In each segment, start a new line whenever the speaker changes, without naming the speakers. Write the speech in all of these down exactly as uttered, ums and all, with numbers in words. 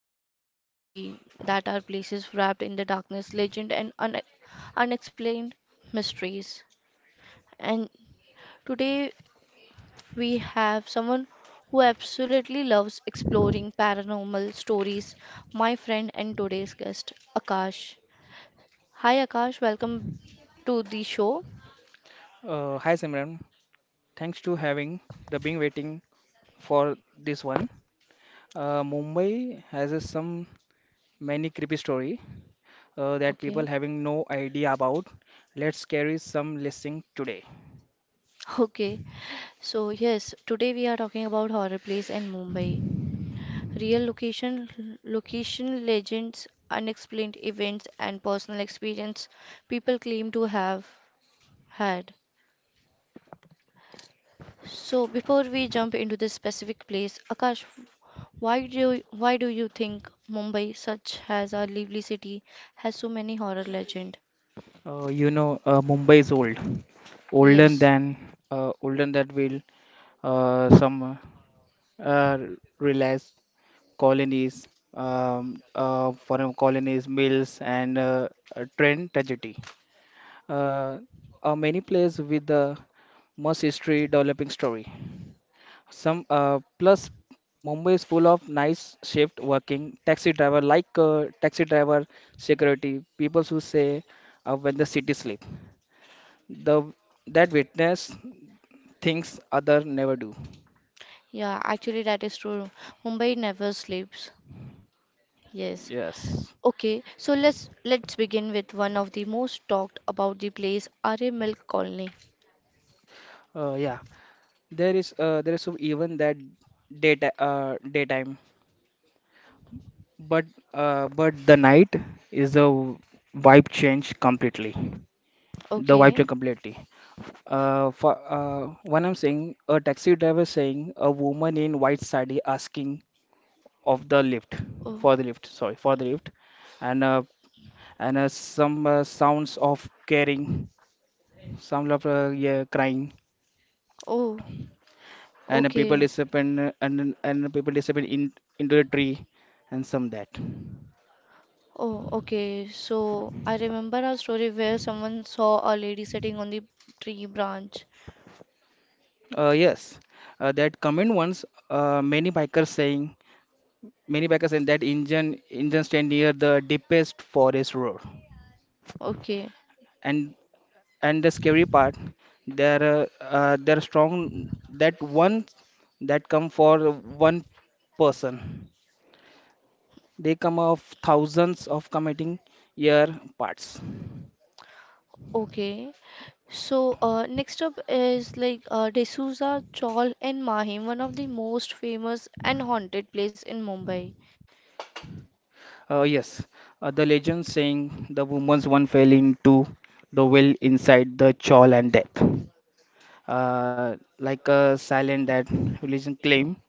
hidden all of the that are places wrapped in the darkness, legend, and un- unexplained mysteries. And today we have someone who absolutely loves exploring paranormal stories, my friend and today's guest, Akash. Hi, Akash, welcome to the show.
Uh, hi Simran, thanks to having the being waiting for this one. Uh, Mumbai has a, some many creepy story, uh, that people
Okay.
having no idea about. Let's carry some listing today.
Okay, so yes, today we are talking about horror place in Mumbai. Real location, Location legends, unexplained events, and personal experience people claim to have had. So before we jump into this specific place, Akash, why do you, why do you think Mumbai, such as our lively city, has so many horror legend?
Uh, you know, uh, Mumbai is old, older
Yes.
than uh, older than will uh, some uh, realize colonies, um, uh, foreign colonies, mills, and uh, uh, train tragedy. uh, are many players with the much history developing story. Some uh, plus Mumbai is full of nice shift working taxi driver like uh, taxi driver security people who say uh, when the city sleep. The That witness things other never do.
Yeah, actually that is true. Mumbai never sleeps. Yes.
Yes.
Okay, so let's let's begin with one of the most talked about the place, Arya Milk Colony.
Uh, yeah. There is uh, there is even that data uh, daytime, but uh, but the night is the vibe change completely. The wife jump
Okay.
completely. Uh, for uh, When I'm saying a taxi driver saying a woman in white sari asking of the lift
Oh,
for the lift, sorry for the lift, and uh, and uh, some uh, sounds of caring, some of uh, yeah, crying,
oh,
and uh, people
okay.
disappear and and people disappear in into the tree, and some that.
Oh, okay. So I remember a story where someone saw a lady sitting on the tree branch.
Uh, yes, uh, that comment once uh, many bikers saying many bikers saying that engine engine stand near the deepest forest road.
Okay,
and and the scary part, they're uh, uh, they're strong that one that come for one person, they come of thousands of committing year parts.
okay. So uh, next up is like uh, D'Souza Chawl and Mahim, one of the most famous and haunted place in Mumbai.
Uh, yes, uh, the legend saying the woman's one fell into the well inside the chawl and death, uh, like a silent that religion claim,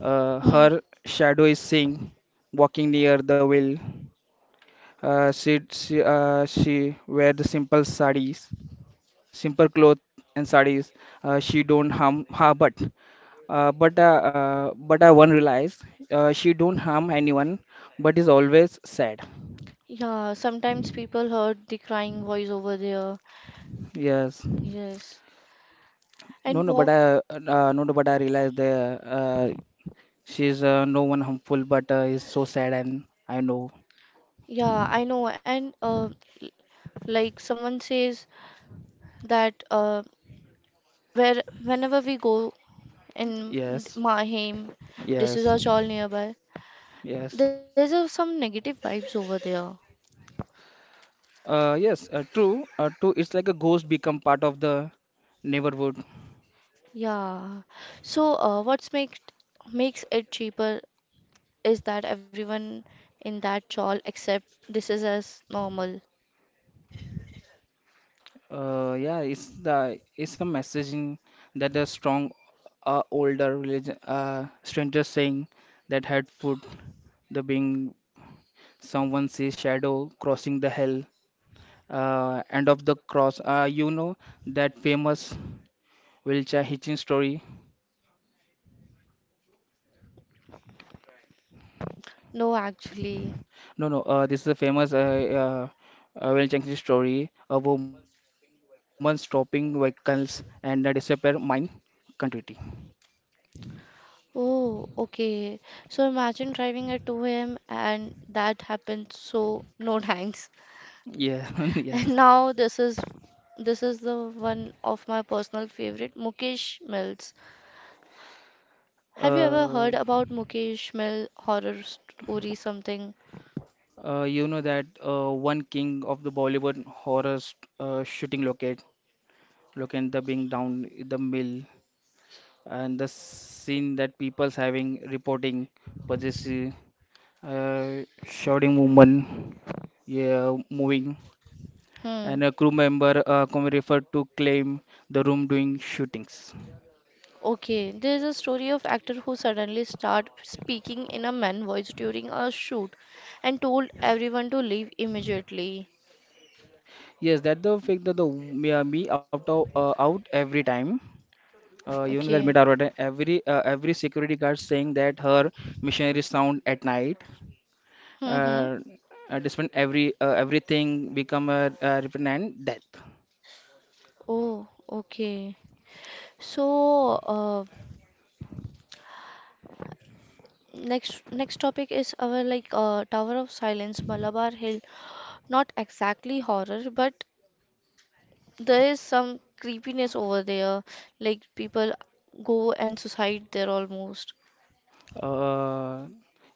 uh,
Hmm.
her shadow is seen walking near the well. Uh, she she uh, she wear the simple sarees, simple clothes and sarees. Uh, she don't harm her, but uh, but uh, uh, but I one realize, uh, she don't harm anyone but is always sad.
Yeah, sometimes people heard the crying voice over there.
Yes.
Yes.
No
And
no but
walk.
I uh, no no but I realize that, uh, she's uh, no one harmful but uh, is so sad and I know.
Yeah, I know. And uh, like someone says that uh, where whenever we go and
Yes.
Mahim,
Yes.
D'Souza all nearby.
Yes.
There's uh, some negative vibes over there.
Uh, yes, uh, true. Uh, true. It's like a ghost become part of the neighborhood.
Yeah. So uh, what's makes makes it cheaper is that everyone in that chawl accept this is as normal.
Uh, yeah, it's the it's a messaging that the strong, uh, older religion, uh, stranger saying that had food, the being someone sees shadow crossing the hell, uh, end of the cross. Uh, you know that famous wheelchair hitching story.
No, actually.
No, no, uh, this is a famous uh, uh, uh, wheelchair hitching story. A woman stopping vehicles and uh, disappear mine continuity.
Oh, okay. So imagine driving at two a m and that happened. So no thanks.
Yeah, yes.
And now this is this is the one of my personal favorite, Mukesh Mills. Have you ever
Uh,
heard about Mukesh Mill horror story something?
Uh, you know that uh, one king of the Bollywood horror st- uh, shooting, locate, locate the being down in the mill, and the scene that people's having reporting possessive, uh, shouting woman, yeah, moving,
Hmm.
and a crew member uh, come referred to claim the room doing shootings.
Okay, there's a story of actor who suddenly start speaking in a man voice during a shoot and told everyone to leave immediately.
Yes, that the fact that the yeah, me out of uh, out every time. Uh, you know that
Okay.
Mitarvate, every uh, every security guard saying that her missionary sound at night,
Mm-hmm.
uh, uh, despite every uh, everything become a, a repentant death.
Oh, okay. So, uh, next next topic is our like uh, Tower of Silence, Malabar Hill. Not exactly horror, but there is some creepiness over there. Like people go and suicide there almost.
Uh,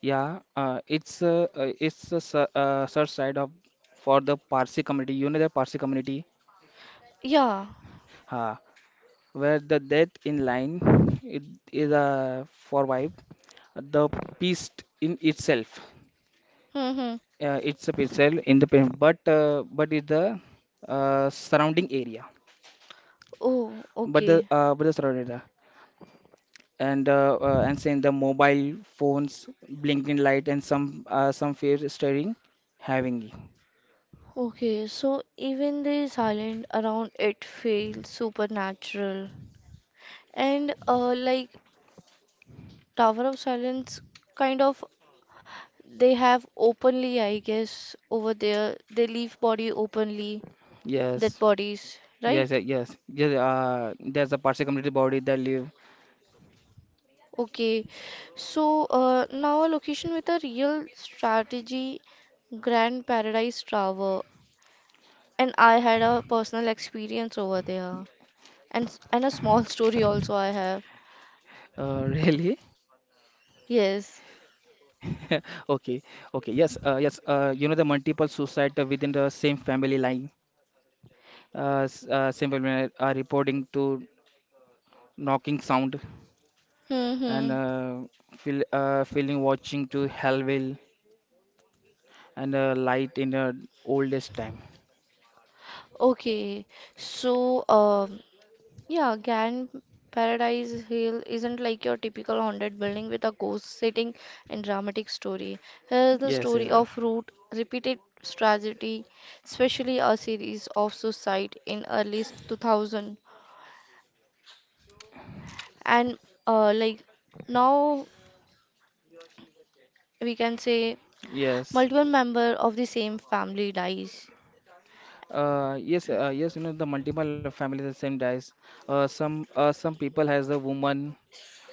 yeah, uh, it's uh, uh, it's a sur- uh, search side of for the Parsi community. You know the Parsi community,
Yeah.
uh, where the death in line it is a for wife, the beast in itself.
Mm-hmm.
Uh, it's a pixel in the pen, but uh, but in the uh, surrounding area,
Oh,
but the
okay.
uh, but the surrounding area, and uh, uh, and saying the mobile phones, blinking light, and some uh, some fear staring, having it.
Okay, so even the silent around it feels supernatural. And uh like Tower of Silence kind of they have openly, I guess, over there. They leave body openly, dead
Yes,
bodies,
yes,
right?
uh, yes, yes. Uh, there's a parts community body that live.
Okay, so uh, now a location with a real strategy, Grand Paradise Tower, and I had a personal experience over there, and s- and a small story also I have.
Uh, really?
Yes.
Okay, okay. Yes, uh, yes. Uh, you know the multiple suicide uh, within the same family line. Uh, s- uh, same family line are reporting to knocking sound,
Hmm. Hmm.
and uh, feel, uh, feeling watching to Hellville, and uh, light in the oldest time.
Okay, so um, yeah, Gan Paradise Hill isn't like your typical haunted building with a ghost sitting and dramatic story. Here's the
Yes,
story
yes, uh,
of root repeated tragedy, especially a series of suicide in early two thousand and uh, like now we can say
yes.
multiple member of the same family dies.
Uh, yes, uh, yes. You know the multiple families the same dies. Uh, some uh, some people has a woman,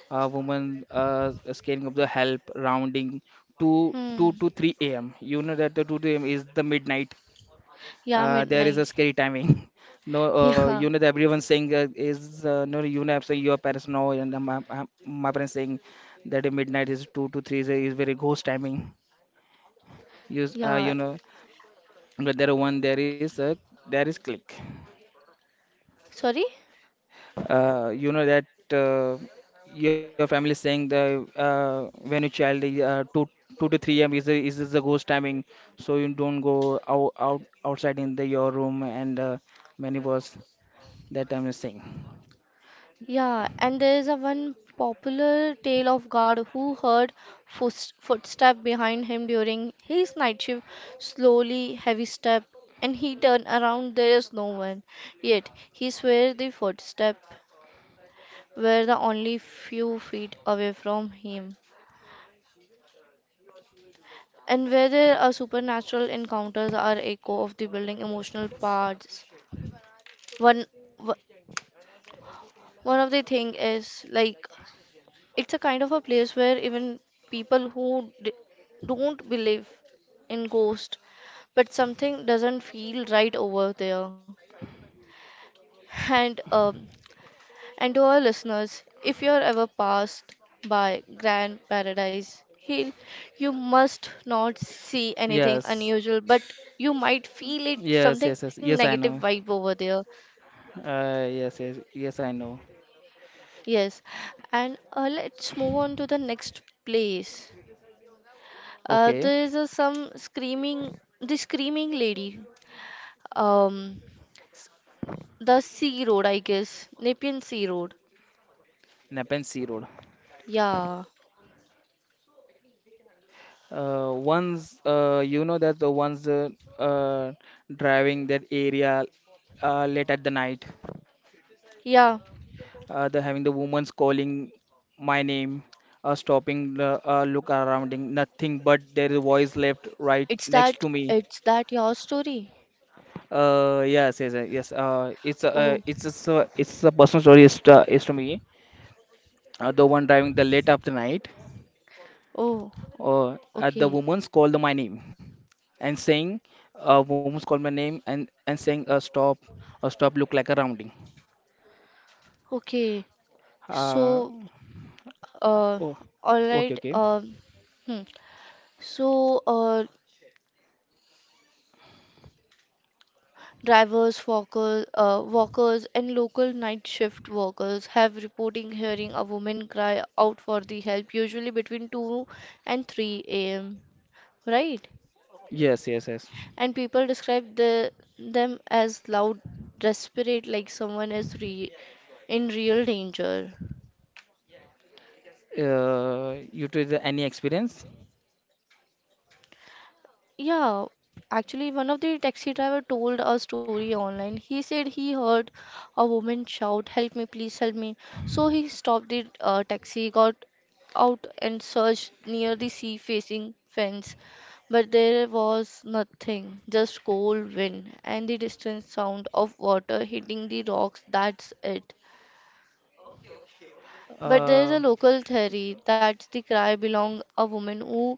uh, woman uh, scaling of the help rounding two two
Hmm.
to three a m. You know that the two to three a m is the midnight,
Yeah,
uh, there is a
midnight.
scary timing. No, uh, you
Yeah,
know that everyone saying uh, is uh, no, you know, so your parents know, and uh, my, my my parents saying that uh, midnight is two to three is, is very ghost timing. You s- uh,
yeah.
you know, But there are one there is uh, there is click.
Sorry?
Uh, you know that uh, your family saying the uh, when you child, uh, two two to three a m is the is is the ghost timing, so you don't go out, out outside in the your room, and uh, many was that time is saying.
Yeah, and there is a one popular tale of guard who heard footst footstep behind him during his night shift, slowly, heavy step, and he turned around, there is no one. Yet he swear the footstep were the only few feet away from him. And whether a supernatural encounters are echo of the building emotional parts, one wh- one of the thing is like it's a kind of a place where even people who d don't believe in ghost, but something doesn't feel right over there. And um, and to our listeners, if you're ever passed by Grand Paradise Hill, you must not see anything
Yes.
unusual, but you might feel it
Yes, yes,
something
yes. Yes,
negative
I
vibe
know.
over there.
Uh, yes, yes, yes, I know.
Yes, and uh, let's move on to the next place. Uh,
Okay.
there is a, some screaming, the screaming lady. Um, s- the Sea Road, I guess, Nepean Sea Road.
Napan Sea Road.
Yeah,
Uh, once uh, you know that the ones uh, uh, driving that area uh, late at the night,
yeah.
uh, the having the woman's calling my name, uh, stopping, the, uh, look around, nothing but there is a voice left
It's
right
that.
next to
It's
me.
that your story.
Uh, yes, yes, yes, yes, Uh, it's a,
Oh,
uh, it's a, so- it's a personal story, is to, is to me. Uh, the one driving the late of the night,
oh.
or uh, the
Okay,
woman's called my name and saying, a woman's called my name, and, and saying, uh, stop, uh, stop look like a rounding.
okay.
Uh,
So, uh,
oh,
all right.
okay, okay.
Um, hmm. So, uh, drivers, walker, uh, walkers, and local night shift workers have reporting hearing a woman cry out for the help, usually between two and three a m. Right?
Yes, yes, yes.
And people describe the, them as loud, desperate, like someone is re- in real danger.
Uh, you to the any experience?
Yeah, actually, one of the taxi driver told a story online. He said he heard a woman shout, "Help me, please help me!" So he stopped the uh, taxi, got out and searched near the sea-facing fence, but there was nothing, just cold wind and the distant sound of water hitting the rocks. That's it. But there is
Uh,
a local theory that the cry belonged a woman who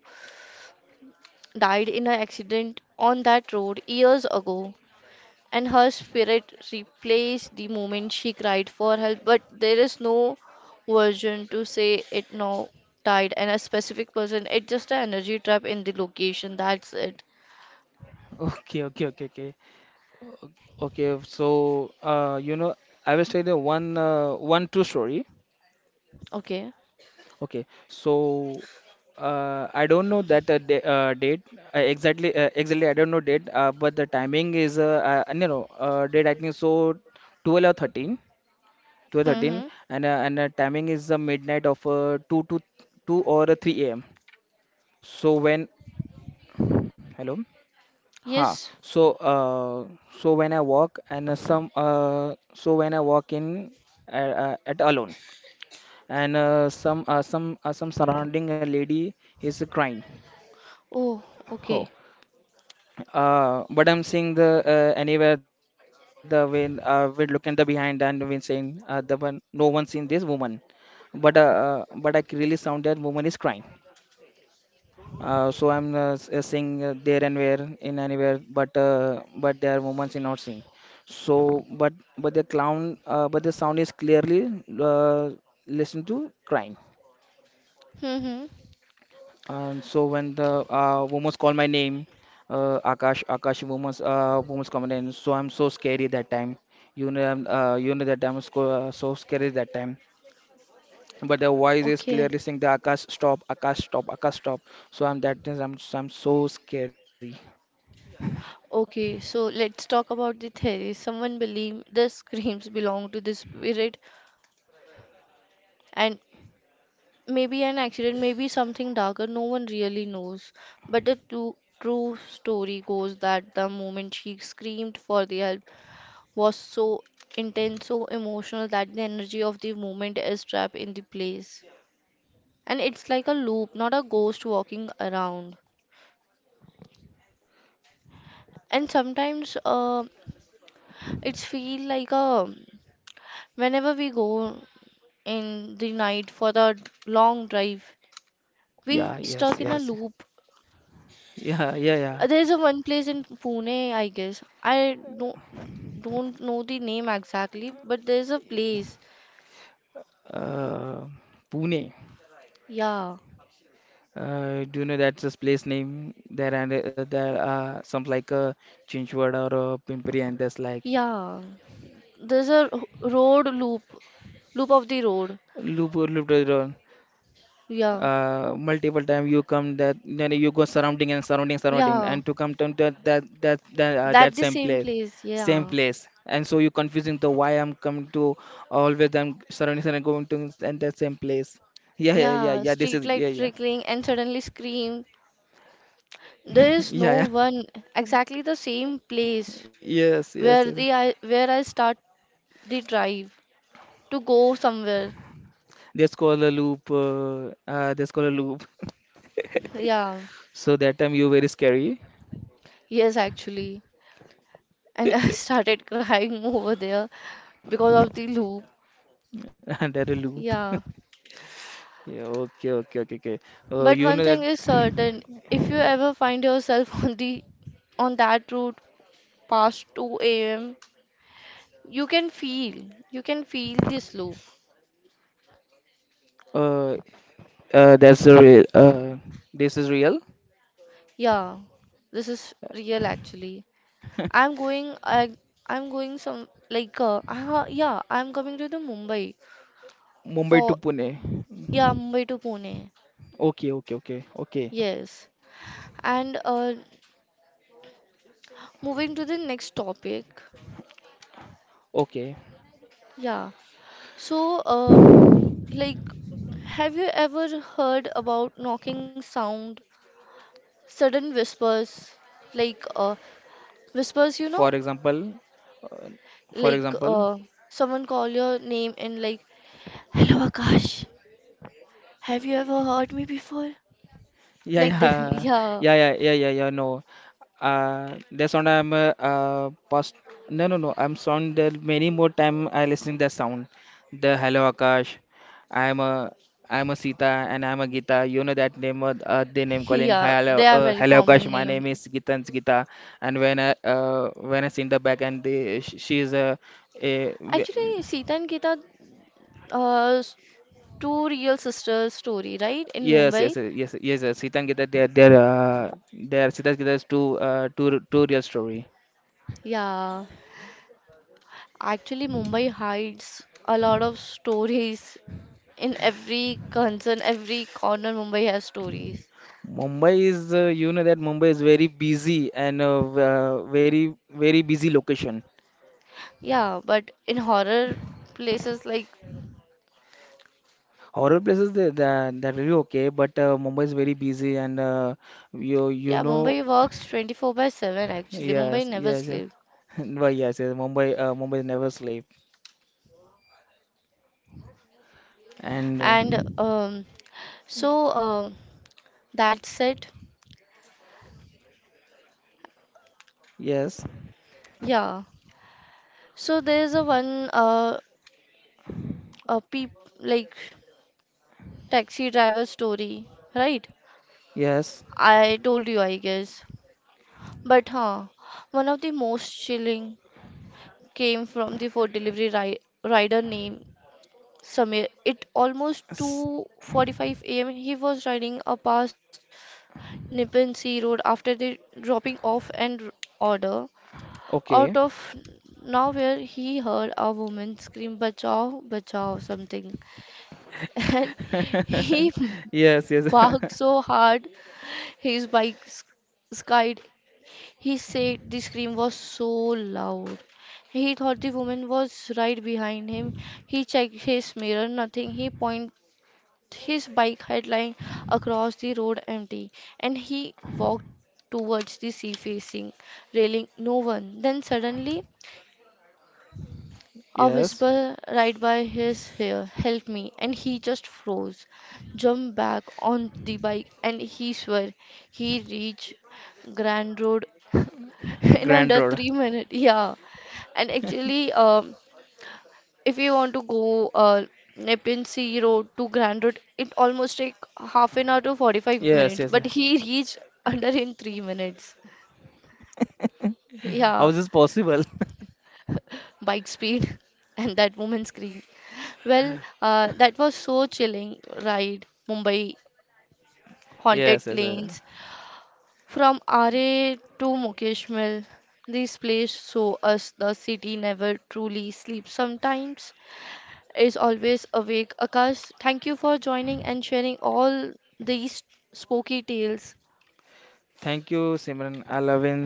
died in an accident on that road years ago, and her spirit replaced the moment she cried for help. But there is no version to say it now died and a specific person. It's just an energy trap in the location. That's it.
okay, okay, okay, okay. Okay, so uh, you know, I will tell you one, uh, one true story.
Okay.
Okay, so uh, I don't know that uh, da uh, date uh, exactly. Uh, exactly, I don't know date, uh, but the timing is uh, uh, no, no, uh, date I think so, twelve or thirteen, twelve
Mm-hmm.
thirteen, and uh, and uh, timing is uh, midnight of uh, two to two or uh, three a m. So when hello, ha.
Yes.
So uh, so when I walk and uh, some uh, So when I walk in uh, uh, at alone, and uh, some uh, some uh, some surrounding a lady is crying.
Oh,
Oh,
okay.
uh, but I'm seeing the uh, anywhere, the when uh, we're looking the behind and we're saying uh, the one no one seen this woman, but uh, uh, but I c- really sound that woman is crying. Uh, so I'm uh, s- uh, seeing uh, there and where in anywhere, but uh, but there are moments in not seeing. So but but the clown, uh, but the sound is clearly, uh, listen to crying.
Mm-hmm.
And so when the uh, women call my name, uh, Akash, Akash, women, uh, women call my name. So I'm so scary that time. You know, I'm, uh, you know that I'm sco- uh, so scary that time. But the voice is
Okay.
clearly saying the Akash stop, Akash stop, Akash stop. So I'm that is I'm so I'm so scary.
Okay, so let's talk about the theory. Someone believe the screams belong to the spirit and maybe an accident, maybe something darker, no one really knows. But the true, true story goes that the moment she screamed for the help was so intense, so emotional that the energy of the moment is trapped in the place. And it's like a loop, not a ghost walking around. And sometimes uh, it's feel like a whenever we go in the night for the long drive, we
Yeah,
stuck
yes,
in a
yes.
loop.
Yeah, yeah,
Uh,
yeah.
There's a one place in Pune, I guess. I don't don't know the name exactly, but there's a place.
Uh, Pune.
Yeah,
Uh, do you know that's this place name? There, and uh, there are some like uh, Chinchwad or uh, Pimpri, and there's like
yeah. There's a r- road loop, loop of the road.
Loop Loop
Yeah,
uh, multiple time you come that, then you go surrounding and surrounding surrounding,
yeah.
and to come to that that that that, uh,
That
that
the
same
same
place,
place.
same
Yeah,
place and so you confusing the why I'm coming to, always I'm surrounding and going to and that same place, yeah yeah yeah
yeah.
yeah, this
Street
is,
light
yeah yeah.
flickering and suddenly scream. There is
Yeah
no
yeah
one exactly the same place
yes yes yes.
where the I where I start the drive to go somewhere.
That's called a loop uh, uh that's called a loop,
Yeah.
so that time you very scary.
Yes, actually. And I started crying over there because of the loop.
And that a loop.
Yeah.
Yeah, okay okay okay okay, uh,
But
you know
one
that,
thing is certain, if you ever find yourself on the on that route past two a m, you can feel, you can feel this loop.
uh, Uh, that's the real. Uh, this is real.
Yeah, this is real actually. I'm going, I, I'm going some like, uh, uh, yeah, I'm coming to the Mumbai
Mumbai to
for,
Pune.
yeah, Mumbai to Pune.
Okay, okay, okay, okay,
Yes. And uh, moving to the next topic.
okay.
Yeah, so, um, like, have you ever heard about knocking sound, sudden whispers, like uh, whispers, you know,
For example, uh, for
like
example,
uh, someone call your name and like, "Hello, Akash. Have you ever heard me before?"
yeah,
Like this,
yeah,
yeah,
yeah, yeah, yeah, yeah, yeah. No, uh, that sound I'm uh, uh past. No, no, no. I'm sound that many more time I listening that sound. The Hello Akash. I'm a I'm a Sita and I'm a Gita. You know that name, uh, uh, the name calling.
yeah,
Hi, hello,
they are
uh,
very
hello Akash.
common
My
name.
name is Gita and Gita. And when I uh when I sing the back and the, sh- she is a, a w-.
Actually, Sita and Geeta, uh, s- two real sisters story, right? In
Yes, yes,
Mumbai.
uh, yes, yes, yes, Sita and Gita, they are, they are, uh, they are Sita and Gita's two, uh, two, two real story.
Yeah, actually, Mumbai hides a lot of stories in every concern, every corner, Mumbai has stories.
Mumbai is, uh, you know that Mumbai is very busy, and uh, v- uh, very very busy location.
Yeah, but in horror places like
Horror places that that, that will be okay, but uh, Mumbai is very busy, and uh, you you
yeah,
know.
Mumbai works twenty-four by seven actually. Mumbai
Yes
never
yes yes.
sleeps.
Well, yes, yes, Mumbai uh, Mumbai never sleep, and uh,
And um, so um, that's it.
yes
Yeah. So there's a one uh a peep like taxi driver story, right?
yes,
I told you, I guess. But huh, one of the most chilling came from the food delivery ri rider named Samir, it almost
s-
two forty-five a m. He was riding a past Nippon Sea Road after the dropping off and r- order.
okay.
Out of nowhere, he heard a woman scream, "Bachao, bachao!" something, and he
Yes yes.
barked so hard his bike s- skied. He said the scream was so loud. He thought the woman was right behind him. He checked his mirror, nothing. He point his bike had lying across the road empty, and he walked towards the sea facing railing no one. Then suddenly a
Yes,
whisper right by his ear, "Help me!" and he just froze, jumped back on the bike, and he swore he reached Grand Road in
Grand
under
Road.
three minutes. Yeah, and actually, um, if you want to go uh, Nepean Sea Road to Grand Road, it almost take half an hour to forty-five minutes.
Yes yes.
But he reached under in three minutes. Yeah,
How is this possible?
bike speed and that woman scream. Well, uh, that was so chilling ride. Mumbai
Yes
haunted
yes. Yes.
lanes from R A to Mukeshmal. This place show us the city never truly sleeps sometimes. Is always awake. Akash, thank you for joining and sharing all these spooky tales.
Thank you, Simran. I love in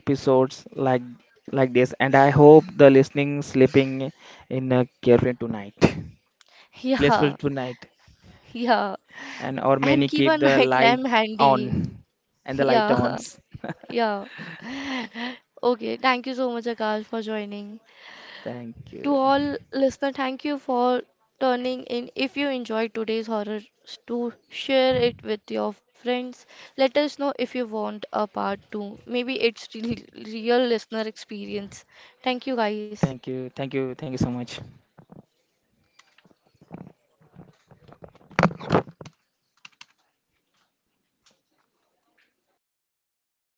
episodes like like this, and I hope the listening sleeping in a carefree tonight,
Yeah,
blissful tonight,
yeah.
and or
And
many
keep a
keep the
night
light
lamp handy.
on, and the light
Yeah,
ons.
yeah. Okay, thank you so much, Akash, for joining.
Thank
To
you,
all listener, thank you for turning in. If you enjoyed today's horror, to share it with your friends. Let us know if you want a part two. Maybe it's really real listener experience. Thank you, guys.
thank you, thank you, thank you so much.